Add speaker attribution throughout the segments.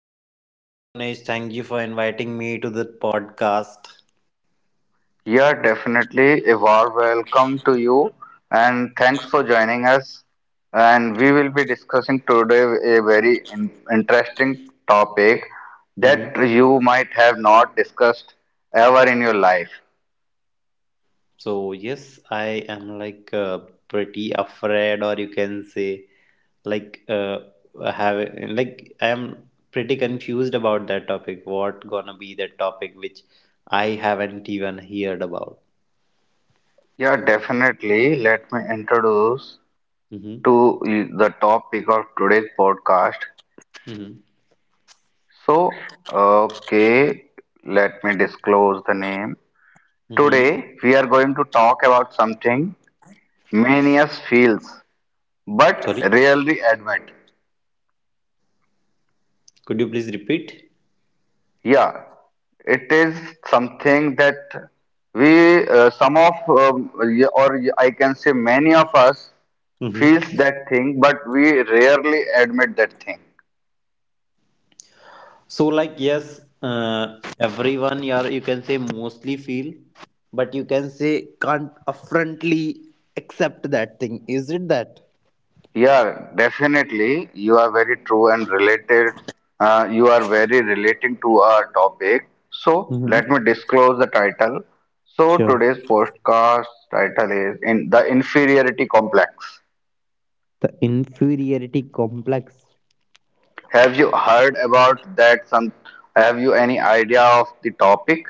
Speaker 1: Like, hello, Bhunesh. Thank you for inviting me to the podcast.
Speaker 2: Yeah, definitely a warm welcome to you and thanks for joining us. And we will be discussing today a very interesting topic that
Speaker 1: Hmm.
Speaker 2: you might have not discussed ever in your life.
Speaker 1: So, yes, I am like pretty afraid, or you can say, like, have like I am pretty confused about that topic. What gonna be that topic which I haven't even heard about?
Speaker 2: Yeah, definitely. Let me introduce
Speaker 1: Mm-hmm.
Speaker 2: to the topic of today's podcast.
Speaker 1: Mm-hmm.
Speaker 2: So, okay, let me disclose the name.
Speaker 1: Mm-hmm.
Speaker 2: Today we are going to talk about something many us feels but
Speaker 1: Sorry,
Speaker 2: rarely admit.
Speaker 1: could you please repeat?
Speaker 2: Yeah, it is something that we some of y- or y- I can say many of us
Speaker 1: Mm-hmm.
Speaker 2: feels that thing but we rarely admit that thing.
Speaker 1: So like yes, everyone or you can say mostly feel, but you can say can't affrontly accept that thing. Is it that?
Speaker 2: Yeah, definitely. You are very true and related. You are very relating to our topic. So
Speaker 1: Hmm.
Speaker 2: let me disclose the title. So
Speaker 1: Sure.
Speaker 2: today's podcast title is in the inferiority complex.
Speaker 1: The inferiority complex.
Speaker 2: Have you heard about that? Some Have you any idea of the topic?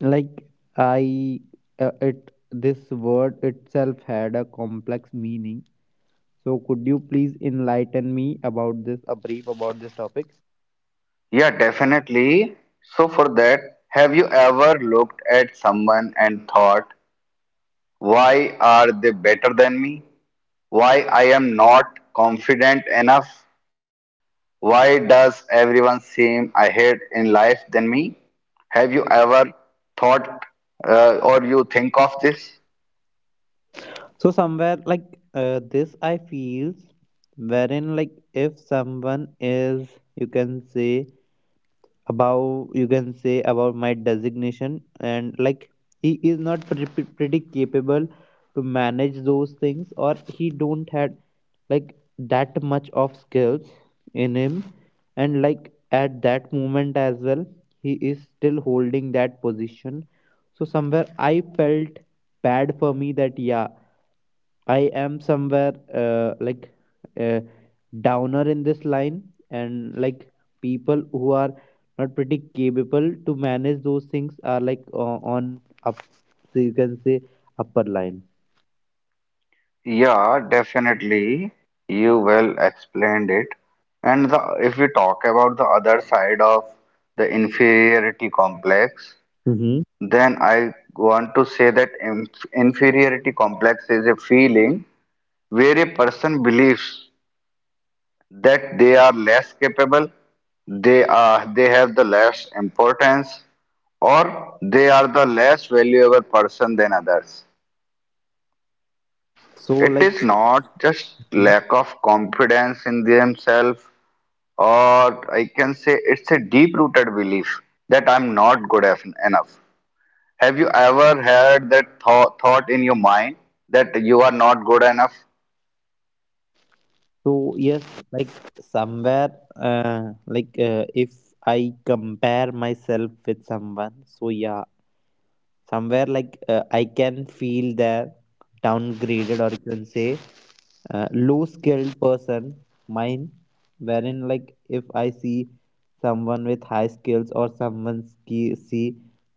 Speaker 1: Like I, it this word itself had a complex meaning. So could you please enlighten me about this, a brief about this topic?
Speaker 2: Yeah, definitely. So for that, have you ever looked at someone and thought, why are they better than me? Why I am not confident enough? Why does everyone seem ahead in life than me? Have you ever thought or you think of this?
Speaker 1: So somewhere like this, I feels wherein like if someone is you can say you can say about my designation and like he is not pretty, pretty capable to manage those things or he don't had like that much of skills in him and like at that moment as well he is still holding that position so somewhere I felt bad for me that yeah I am somewhere like uh, downer in this line, and like people who are not pretty capable to manage those things are like on up, so you can say upper line.
Speaker 2: Yeah, definitely. You well explained it. And if we talk about the other side of the inferiority complex,
Speaker 1: Mm-hmm.
Speaker 2: then I want to say that inferiority complex is a feeling where a person believes that they are less capable, they have the less importance, or they are the less valuable person than others.
Speaker 1: So
Speaker 2: It is
Speaker 1: like.
Speaker 2: not just
Speaker 1: Mhm.
Speaker 2: lack of confidence in themselves, or I can say it's a deep-rooted belief that I'm not good enough. Have you ever had that thought in your mind that you are not good enough?
Speaker 1: So yes, like somewhere like if I compare myself with someone, so yeah, somewhere like I can feel they downgraded or you can say low skilled person mind. Wherein like if I see someone with high skills or someone see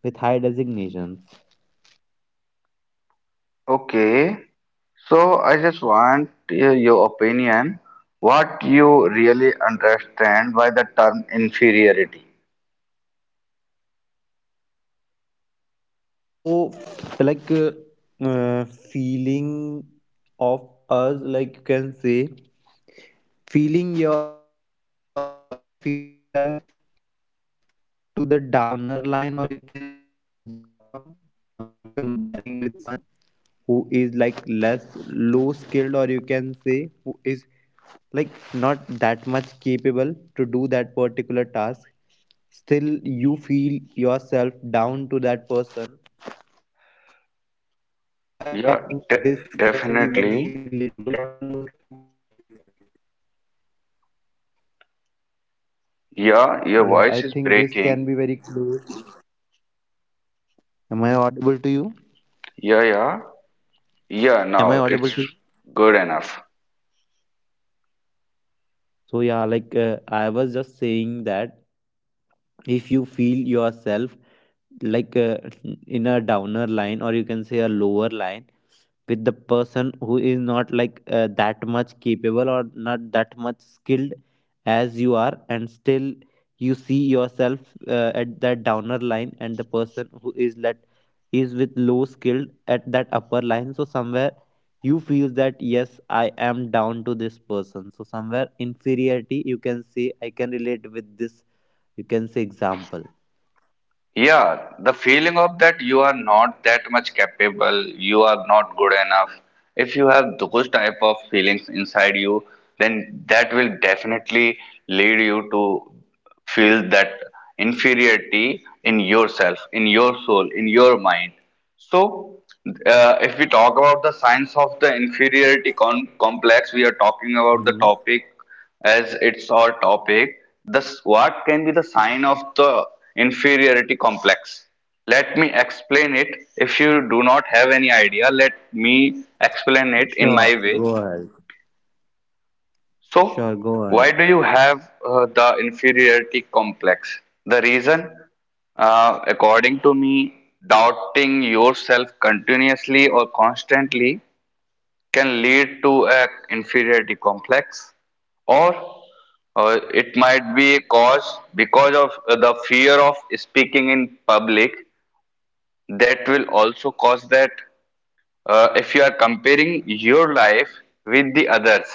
Speaker 1: with high designations
Speaker 2: Okay, so I just want your opinion. What you really understand by the term inferiority?
Speaker 1: so like feeling of us like you can say feeling your feeling self to the downer line or you can say to the bottom by comparing with someone who is like less low skilled or you can say who is like not that much capable to do that particular task still you feel yourself down to that person so somewhere I think this
Speaker 2: Yeah, de
Speaker 1: can be very relatable
Speaker 2: definitely.
Speaker 1: or close to it
Speaker 2: Yeah,
Speaker 1: yeah
Speaker 2: your
Speaker 1: I
Speaker 2: voice
Speaker 1: think
Speaker 2: is
Speaker 1: this can be very
Speaker 2: breaking.
Speaker 1: close. Am I audible to you?
Speaker 2: Yeah, yeah.
Speaker 1: Am I
Speaker 2: Yeah,
Speaker 1: audible to you?
Speaker 2: now it's good enough.
Speaker 1: So yeah, like I was just saying that if you feel yourself like in a downer line or you can say a lower line with the person who is not like that much capable or not that much skilled as you are and still you see yourself at that downer line and the person who is let is with low skilled at that upper line so somewhere you feel that yes I am down to this person so somewhere inferiority you can say I can relate with this you can say example.
Speaker 2: Yeah, the feeling of that you are not that much capable, you are not good enough. If you have those type of feelings inside you, then that will definitely lead you to feel that inferiority in yourself, in your soul, in your mind. So, if we talk about the science of the inferiority complex, we are talking about the topic
Speaker 1: Hmm.
Speaker 2: as it's our topic, thus what can be the sign of the inferiority complex? Let me explain it. If you do not have any idea, let me explain it in my way.
Speaker 1: Sure, go ahead.
Speaker 2: So, why
Speaker 1: Sure,
Speaker 2: do
Speaker 1: go
Speaker 2: you
Speaker 1: ahead.
Speaker 2: have the inferiority complex? The reason, according to me, doubting yourself continuously or constantly can lead to a inferiority complex, or it might be a cause because of the fear of speaking in public, that will also cause that. If you are comparing your life with the others,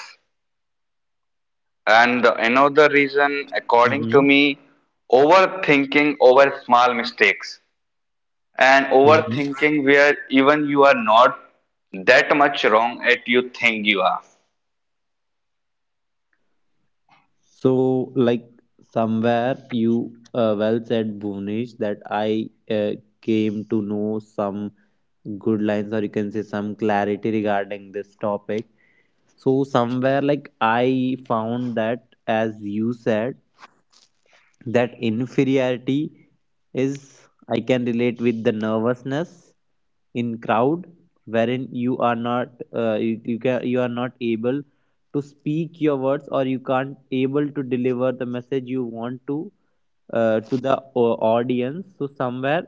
Speaker 2: and another reason according to me,
Speaker 1: Hmm.
Speaker 2: overthinking over small mistakes, and
Speaker 1: Hmm.
Speaker 2: overthinking where even you are not that much wrong at you think you are.
Speaker 1: So like somewhere you well said Bhuvnesh that I came to know some good lines or you can say some clarity regarding this topic so somewhere like I found that as you said that inferiority is I can relate with the nervousness in crowd wherein you are not you are not able to speak your words or you can't able to deliver the message you want to the audience so somewhere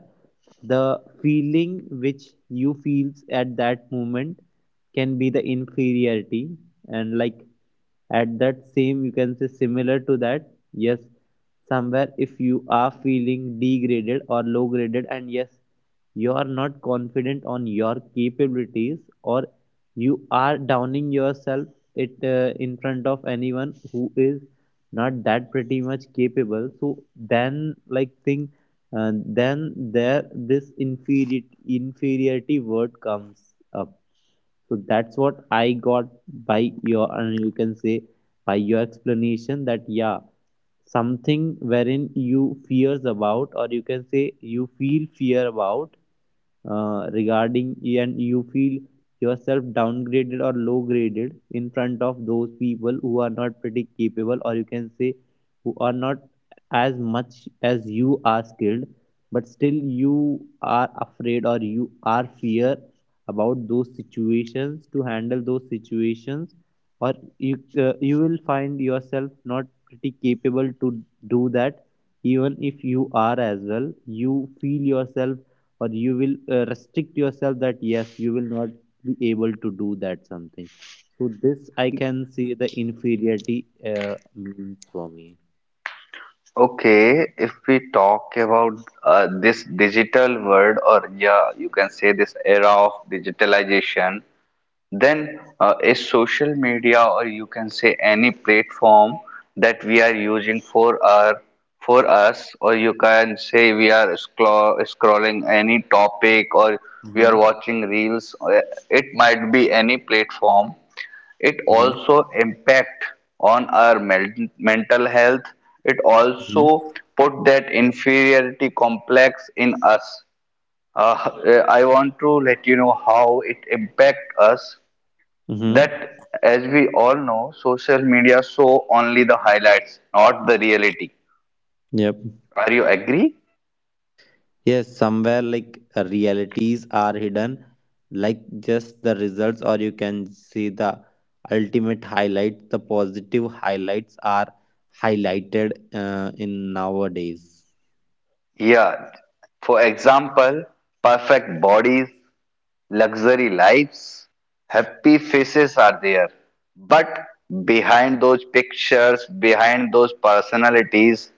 Speaker 1: the feeling which you feels at that moment can be the inferiority and like at that same you can say similar to that yes somewhere if you are feeling degraded or low graded and yes you are not confident on your capabilities or you are downing yourself it in front of anyone who is not that pretty much capable so then like thing then there this inferiority word comes up so that's what I got by your, and you can say by your explanation that yeah, something wherein you fears about, or you can say you feel fear about, regarding and you feel yourself downgraded or low graded in front of those people who are not pretty capable or you can say who are not as much as you are skilled but still you are afraid or you are fear about those situations to handle those situations or you will find yourself not pretty capable to do that even if you are as well you feel yourself or you will restrict yourself that yes you will not be able to do that something so this I can see the inferiority uh, means for me.
Speaker 2: Okay, if we talk about this digital world, or yeah, you can say this era of digitalization, then is social media, or you can say any platform that we are using for us, or you can say we are scrolling any topic, or we
Speaker 1: Mm-hmm.
Speaker 2: are watching reels. It might be any platform. It
Speaker 1: Mm-hmm.
Speaker 2: also impact on our mental health. It also
Speaker 1: Mm-hmm.
Speaker 2: put that inferiority complex in us. uh, I want to let you know how it impact us,
Speaker 1: Mm-hmm.
Speaker 2: that as we all know social media show only the highlights not the reality.
Speaker 1: Yep.
Speaker 2: Are you agree?
Speaker 1: Yes, somewhere like realities are hidden like just the results or you can see the ultimate highlights the positive highlights are highlighted in nowadays
Speaker 2: Yeah, for example, perfect bodies, luxury lives, happy faces are there, but behind those pictures, behind those personalities,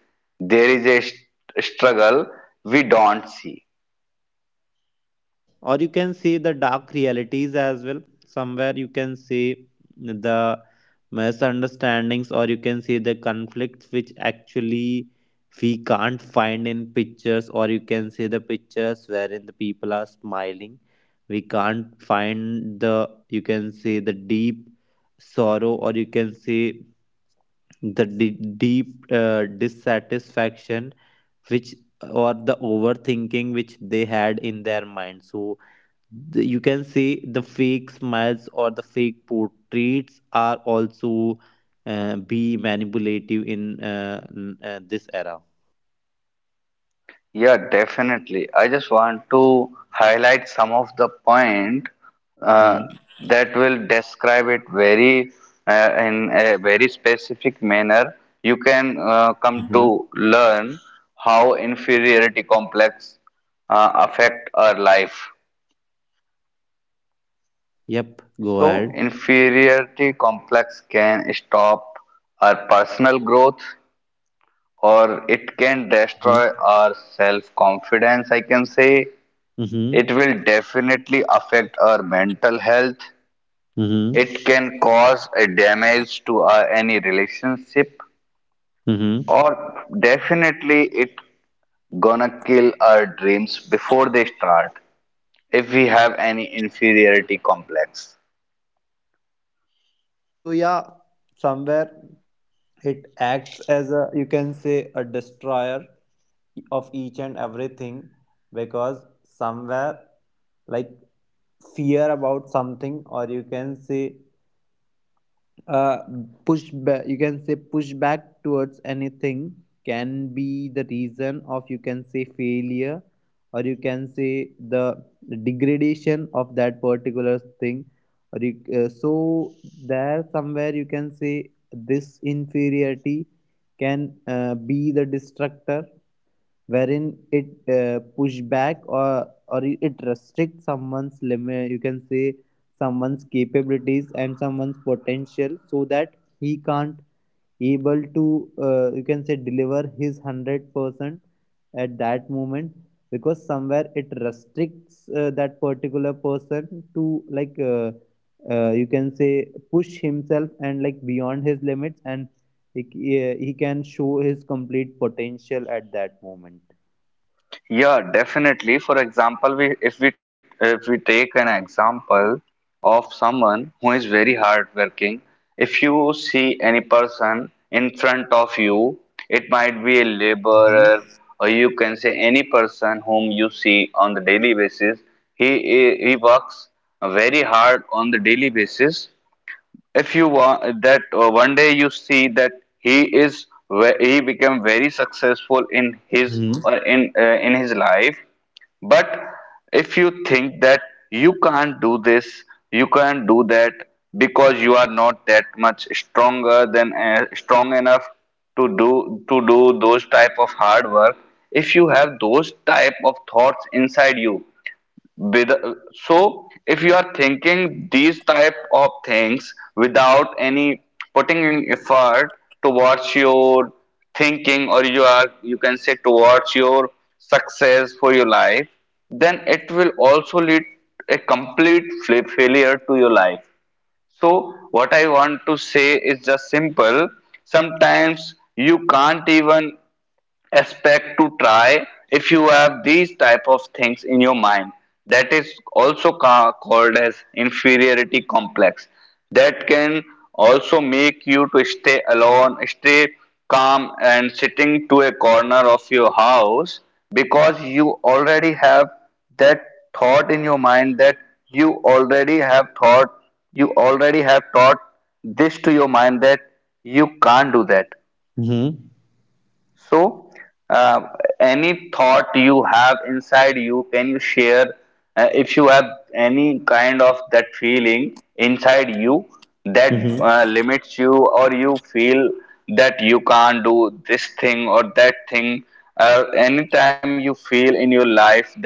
Speaker 2: there is a struggle we don't see.
Speaker 1: or you can see the dark realities as well somewhere you can see the misunderstandings or you can see the conflicts which actually we can't find in pictures or you can see the pictures wherein the people are smiling we can't find the you can see the deep sorrow or you can see the deep dissatisfaction which or the overthinking which they had in their mind so you can say the fake smiles or the fake portraits are also be manipulative in this era.
Speaker 2: Yeah, definitely. I just want to highlight some of the point uh,
Speaker 1: Hmm.
Speaker 2: that will describe it very in a very specific manner. You can come
Speaker 1: Hmm.
Speaker 2: to learn how inferiority complex affect our life.
Speaker 1: Yep, go
Speaker 2: So
Speaker 1: ahead.
Speaker 2: inferiority complex can stop our personal growth, or it can
Speaker 1: Hmm.
Speaker 2: destroy our self confidence, I can say.
Speaker 1: Mm-hmm.
Speaker 2: It will definitely affect our mental health.
Speaker 1: Mm-hmm.
Speaker 2: It can cause a damage to our, any relationship,
Speaker 1: Mm-hmm.
Speaker 2: or definitely it gonna kill our dreams before they start if we have any inferiority complex.
Speaker 1: So yeah somewhere it acts as a you can say a destroyer of each and everything because somewhere like fear about something or you can say uh, push back you can say push back towards anything can be the reason of you can say failure or you can say the degradation of that particular thing or so there somewhere you can say this inferiority can be the destructor wherein it push back or it restricts someone's limit you can say someone's capabilities and someone's potential so that he can't able to you can say deliver his 100% at that moment because somewhere it restricts that particular person to like you can say push himself and like beyond his limits and he can show his complete potential at that moment.
Speaker 2: Yeah, definitely. For example, we if we if we take an example of someone who is very hardworking, if you see any person in front of you, it might be a laborer, or you can say any person whom you see on the daily basis. He works very hard on the daily basis. If you want that one day you see that he is he became very successful in his,
Speaker 1: Mm-hmm.
Speaker 2: or in his life. But if you think that you can't do this, you can't do that because you are not that much strong enough to do those type of hard work, if you have those type of thoughts inside you with so if you are thinking these type of things without any putting in effort towards your thinking, or you can say towards your success for your life, then it will also lead a complete failure to your life. So what I want to say is just simple: sometimes you can't even aspect to try. If you have these type of things in your mind, that is also called as inferiority complex. That can also make you to stay alone, stay calm, and sitting to a corner of your house, because you already have that thought in your mind, that you already have thought you already have thought this to your mind that you can't do that.
Speaker 1: Mm-hmm.
Speaker 2: So, uh, any thought you have inside you, can you share? If you have any kind of that feeling inside you that
Speaker 1: Mm-hmm.
Speaker 2: limits you, or you feel that you can't do this thing or that thing, anytime you feel in your life that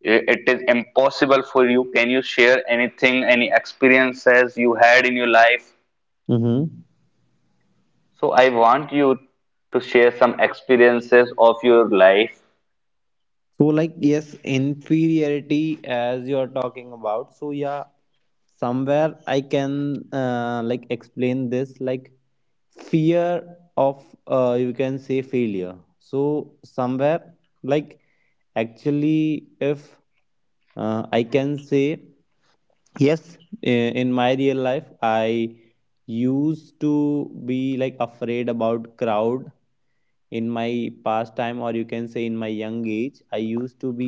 Speaker 2: it is impossible for you, can you share anything, any experiences you had in your life?
Speaker 1: Mm-hmm.
Speaker 2: So, I want you to share some experiences of your life.
Speaker 1: So, like, yes, inferiority as you are talking about. So, yeah, somewhere I can like explain this like fear of you can say failure. So, somewhere like actually, if I can say yes, in my real life, I used to be like afraid about crowd in my past time or you can say in my young age I used to be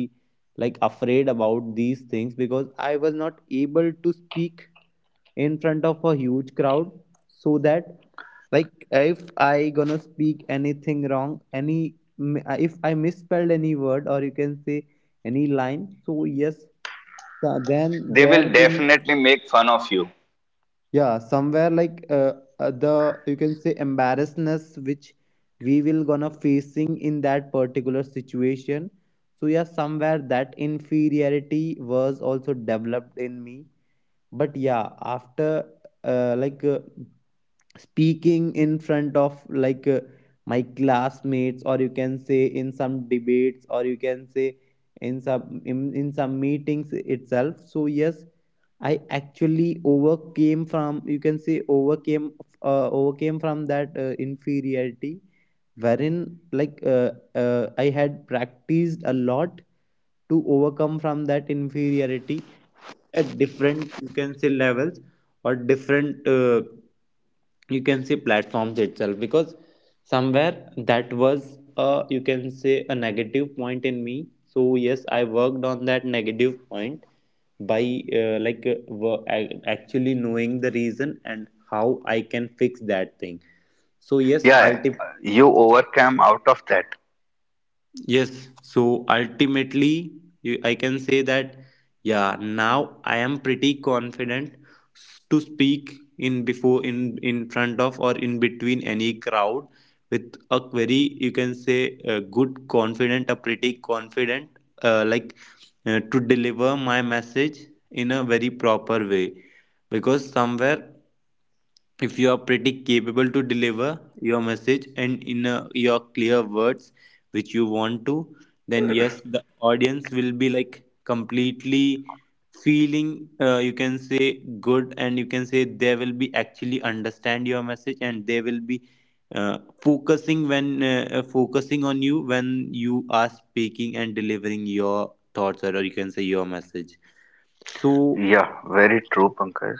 Speaker 1: like afraid about these things because I was not able to speak in front of a huge crowd so that like if I gonna speak anything wrong any if I misspelled any word or you can say any line so yes then
Speaker 2: They
Speaker 1: there
Speaker 2: will
Speaker 1: will.
Speaker 2: definitely make fun of you.
Speaker 1: Yeah somewhere like the you can say embarrassness which we will gonna facing in that particular situation so yeah somewhere that inferiority was also developed in me but yeah after like speaking in front of like my classmates or you can say in some debates or you can say in some in some meetings itself so yes I actually overcame from you can say overcame from that inferiority wherein like I had practiced a lot to overcome from that inferiority at different you can say levels or different you can say platforms itself because somewhere that was a you can say a negative point in me so yes I worked on that negative point by like actually knowing the reason and how I can fix that thing so yes
Speaker 2: Yeah, yeah.
Speaker 1: ultimately.
Speaker 2: You overcame out of that.
Speaker 1: Yes, so ultimately, you, I can say that, yeah, now I am pretty confident to speak in front of or in between any crowd with a very you can say a good confident a pretty confident like to deliver my message in a very proper way because somewhere if you are pretty capable to deliver your message and in a, your clear words which you want to then yes the audience will be like completely feeling you can say good and you can say they will be actually understand your message and they will be focusing when focusing on you when you are speaking and delivering your thoughts or you can say your message so
Speaker 2: Yeah, very true, Pankaj.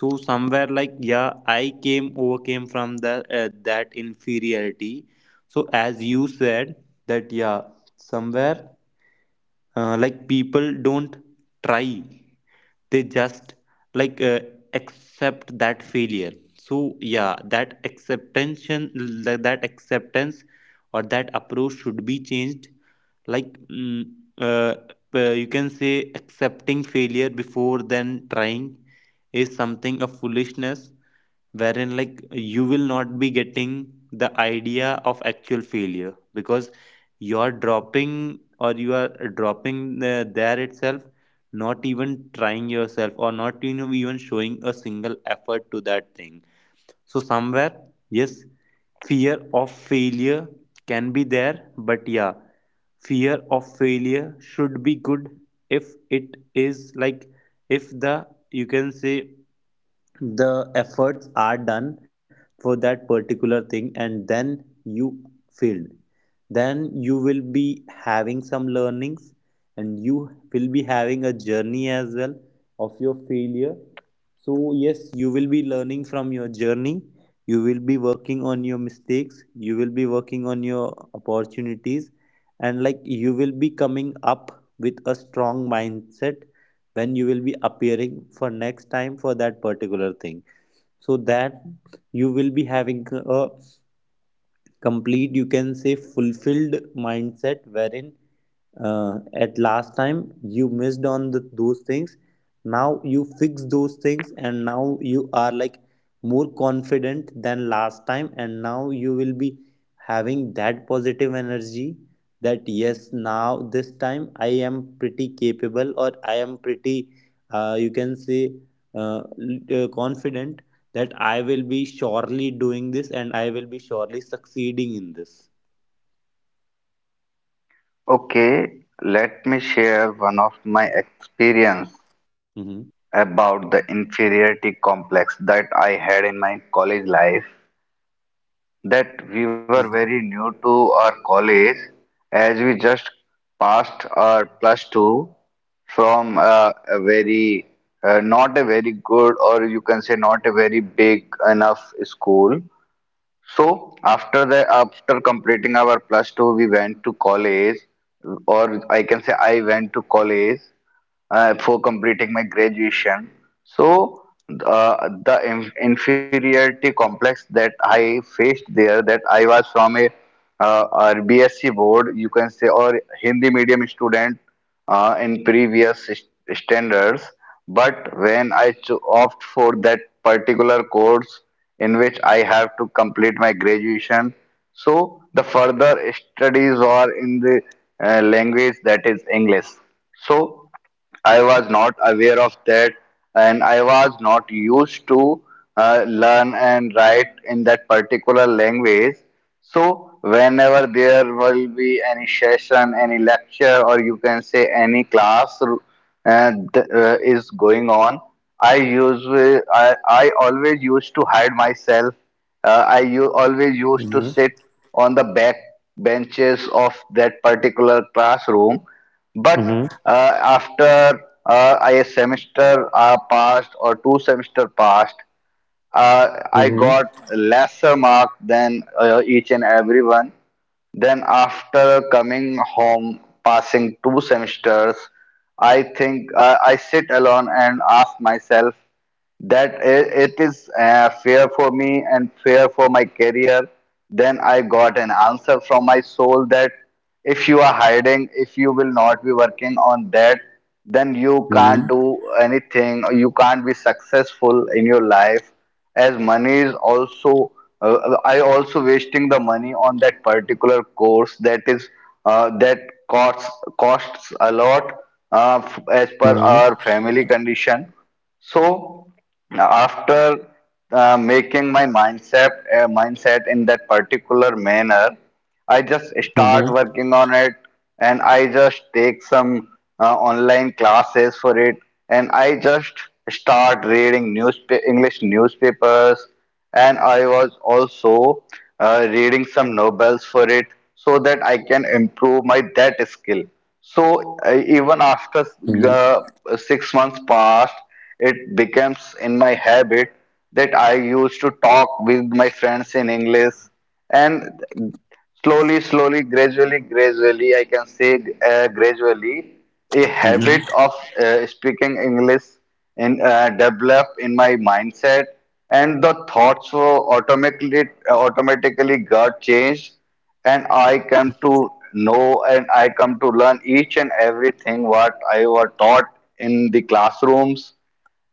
Speaker 1: so somewhere like yeah I came overcame from the that inferiority so as you said that yeah somewhere like people don't try they just like accept that failure so yeah that acceptance or that approach should be changed like uh, you can say accepting failure before then trying is something of foolishness wherein like you will not be getting the idea of actual failure because you are dropping or you are dropping there itself not even trying yourself or not even showing a single effort to that thing so somewhere yes fear of failure can be there, but yeah, fear of failure should be good if it is like, if the you can say the efforts are done for that particular thing and then you failed, then you will be having some learnings and you will be having a journey as well of your failure. So yes, you will be learning from your journey, you will be working on your mistakes, you will be working on your opportunities, and like you will be coming up with a strong mindset when you will be appearing for next time for that particular thing. So that you will be having a complete you can say fulfilled mindset, wherein at last time you missed on the, those things, now you fix those things, and now you are like more confident than last time, and now you will be having that positive energy that yes, now this time I am pretty capable, or I am pretty you can say confident that I will be surely doing this and I will be surely succeeding in this.
Speaker 2: Okay, let me share one of my experience
Speaker 1: Mm-hmm.
Speaker 2: about the inferiority complex that I had in my college life. That we were very new to our college as we just passed our plus two from a very not a very good, or you can say not a very big enough school. So after the after completing our plus two, we went to college, or I can say I went to college, for completing my graduation. So the inferiority complex that I faced there, that I was from a our BSc board, you can say, or Hindi medium student in previous standards. But when I opt for that particular course in which I have to complete my graduation, so the further studies are in the language that is English. So I was not aware of that, and I was not used to learn and write in that particular language. So, whenever there will be any session, any lecture, or you can say any class is going on, I always used to hide myself. I always used to
Speaker 1: Mm-hmm.
Speaker 2: sit on the back benches of that particular classroom. But after a semester passed or two semester passed, I
Speaker 1: Mm-hmm.
Speaker 2: got lesser mark than each and everyone. Then after coming home, passing two semesters, I think I sit alone and ask myself that it is fair for me and fair for my career. Then I got an answer from my soul that if you are hiding, if you will not be working on that, then you can't
Speaker 1: Mhm.
Speaker 2: do anything, you can't be successful in your life, as money is also I also wasting the money on that particular course that costs costs a lot, as per
Speaker 1: Mhm.
Speaker 2: our family condition. So after making my mindset in that particular manner, I just start working on it, and I just take some online classes for it, and I just start reading english newspapers, and I was also reading some novels for it so that I can improve my that skill. So even after
Speaker 1: Mhm.
Speaker 2: uh, 6 months passed, it becomes in my habit that I used to talk with my friends in English, and slowly, slowly, gradually, gradually, I can say gradually, a habit
Speaker 1: Mhm.
Speaker 2: of speaking English in develop in my mindset, and the thoughts were automatically got changed, and I come to know and I come to learn each and everything what I was taught in the classrooms.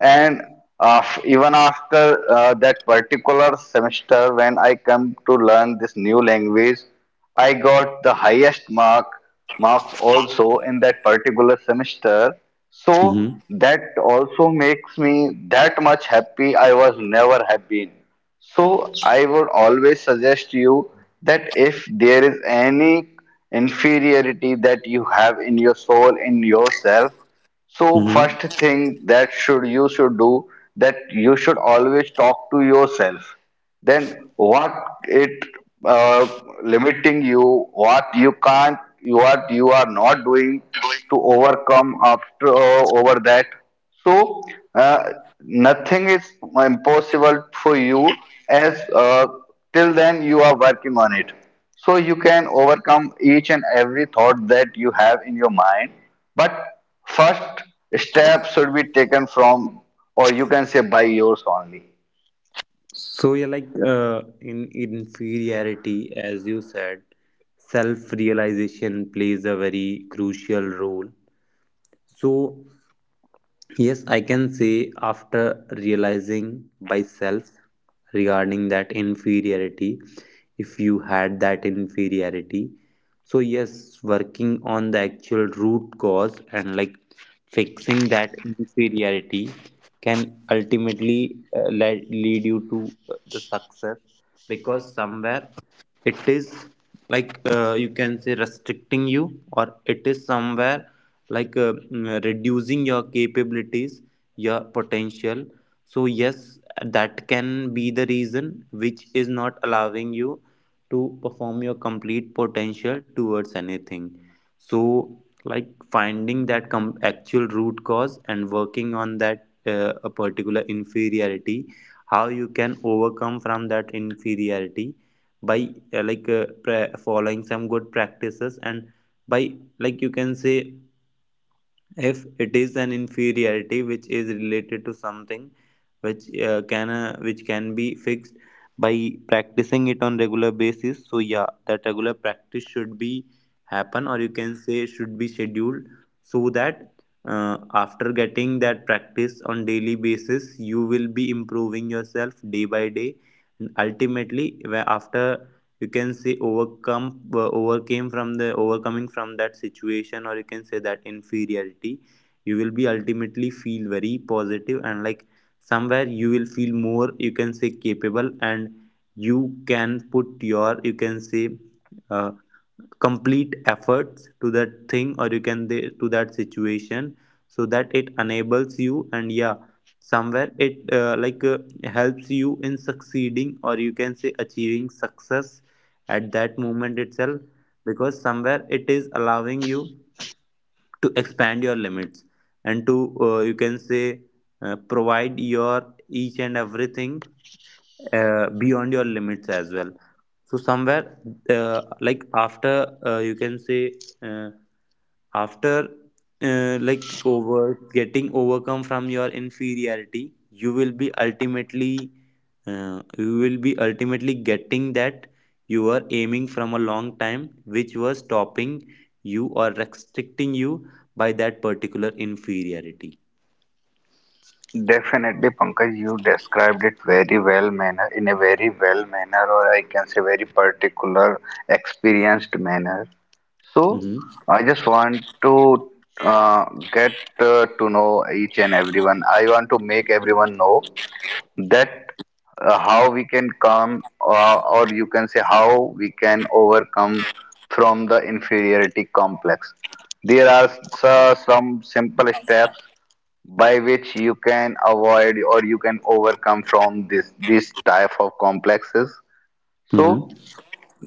Speaker 2: And even after that particular semester when I come to learn this new language, I got the highest marks also in that particular semester. So
Speaker 1: Mhm.
Speaker 2: that also makes me that much happy, I was never have been. So I would always suggest you that if there is any inferiority that you have in your soul, in yourself, so
Speaker 1: Mhm.
Speaker 2: first thing that should you should do, that you should always talk to yourself. Then what it uh, limiting you, what you can't, what you are not doing to overcome after over that. So uh, nothing is impossible for you, as till then you are working on it, so you can overcome each and every thought that you have in your mind, but first step should be taken from, or you can say by yours only.
Speaker 1: So yeah, like in inferiority, as you said, self-realization plays a very crucial role. So yes, I can say after realizing by self regarding that inferiority, if you had that inferiority. So yes, working on the actual root cause and like fixing that inferiority can ultimately lead you to the success, because somewhere it is like you can say restricting you, or it is somewhere like reducing your capabilities, your potential. So yes, that can be the reason which is not allowing you to perform your complete potential towards anything. So like finding that actual root cause and working on that a particular inferiority, how you can overcome from that inferiority by following some good practices, and by like you can say, if it is an inferiority which is related to something which can which can be fixed by practicing it on regular basis. So yeah, that regular practice should be happen, or you can say should be scheduled, so that after getting that practice on daily basis, you will be improving yourself day by day, and ultimately where after you can say overcome overcame from the overcoming from that situation, or you can say that inferiority, you will be ultimately feel very positive, and like somewhere you will feel more you can say capable, and you can put your you can say uh, complete efforts to that thing, or you can they, to that situation, so that it enables you. And yeah, somewhere it helps you in succeeding, or you can say achieving success at that moment itself, because somewhere it is allowing you to expand your limits and to you can say provide your each and everything beyond your limits as well. So somewhere like after you can say uh, after like over getting overcome from your inferiority, you will be ultimately you will be ultimately getting that you were aiming from a long time, which was stopping you or restricting you by that particular inferiority.
Speaker 2: Definitely, Pankaj, you described it very well manner, in a very well manner, or I can say very particular, experienced manner. So,
Speaker 1: Mm-hmm.
Speaker 2: I just want to uh, get to know each and everyone. I want to make everyone know that how we can come or you can say how we can overcome from the inferiority complex. There are some simple steps by which you can avoid, or you can overcome from this type of complexes. So
Speaker 1: Mm-hmm.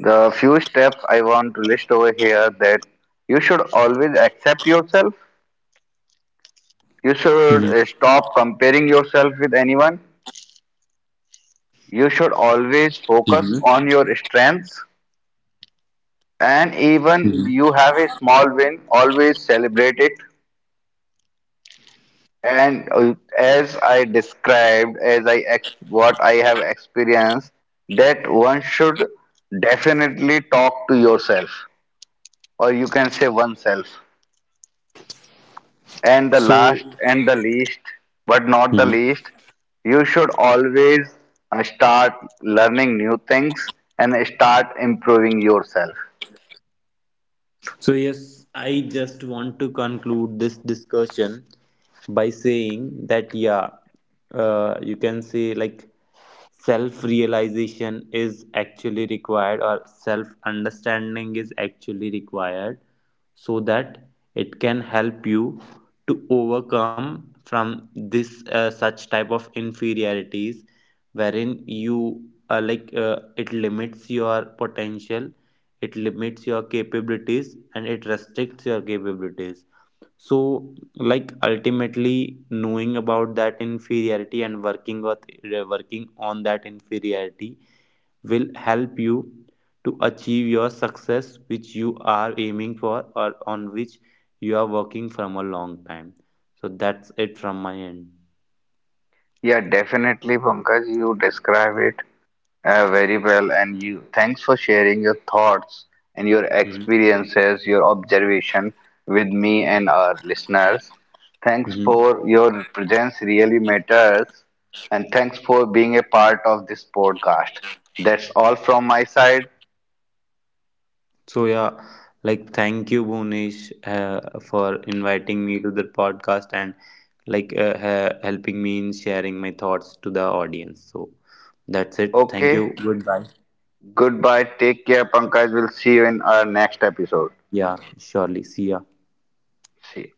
Speaker 2: the few steps I want to list over here, that you should always accept yourself. You should
Speaker 1: Mm-hmm.
Speaker 2: stop comparing yourself with anyone. You should always focus
Speaker 1: Mm-hmm.
Speaker 2: on your strengths, and even
Speaker 1: Mm-hmm.
Speaker 2: you have a small win, always celebrate it. And as I described, as I what I have experienced, that one should definitely talk to yourself, or you can say oneself. And the
Speaker 1: So.
Speaker 2: last and the least, but not the
Speaker 1: Mhm.
Speaker 2: least, you should always start learning new things and start improving yourself.
Speaker 1: So yes, I just want to conclude this discussion by saying that yeah, you can say like self realization is actually required, or self understanding is actually required, so that it can help you to overcome from this such type of inferiorities, wherein you it limits your potential, it limits your capabilities, and it restricts your capabilities. So, like ultimately knowing about that inferiority and working with working on that inferiority will help you to achieve your success, which you are aiming for, or on which you are working from a long time. So that's it from my end.
Speaker 2: Yeah, definitely, Pankaj, you describe it very well, and you thanks for sharing your thoughts and your
Speaker 1: Mhm.
Speaker 2: experiences, your observation with me and our listeners. Thanks
Speaker 1: Mhm.
Speaker 2: for your presence really matters, and thanks for being a part of this podcast. That's all from my side.
Speaker 1: So yeah, like thank you, Bhunesh, for inviting me to the podcast and like helping me in sharing my thoughts to the audience. So that's it. Thank you.
Speaker 2: Okay,
Speaker 1: Goodbye.
Speaker 2: goodbye. Take care, Pankaj. We'll see you in our next episode.
Speaker 1: Yeah, surely. See ya.
Speaker 2: See you.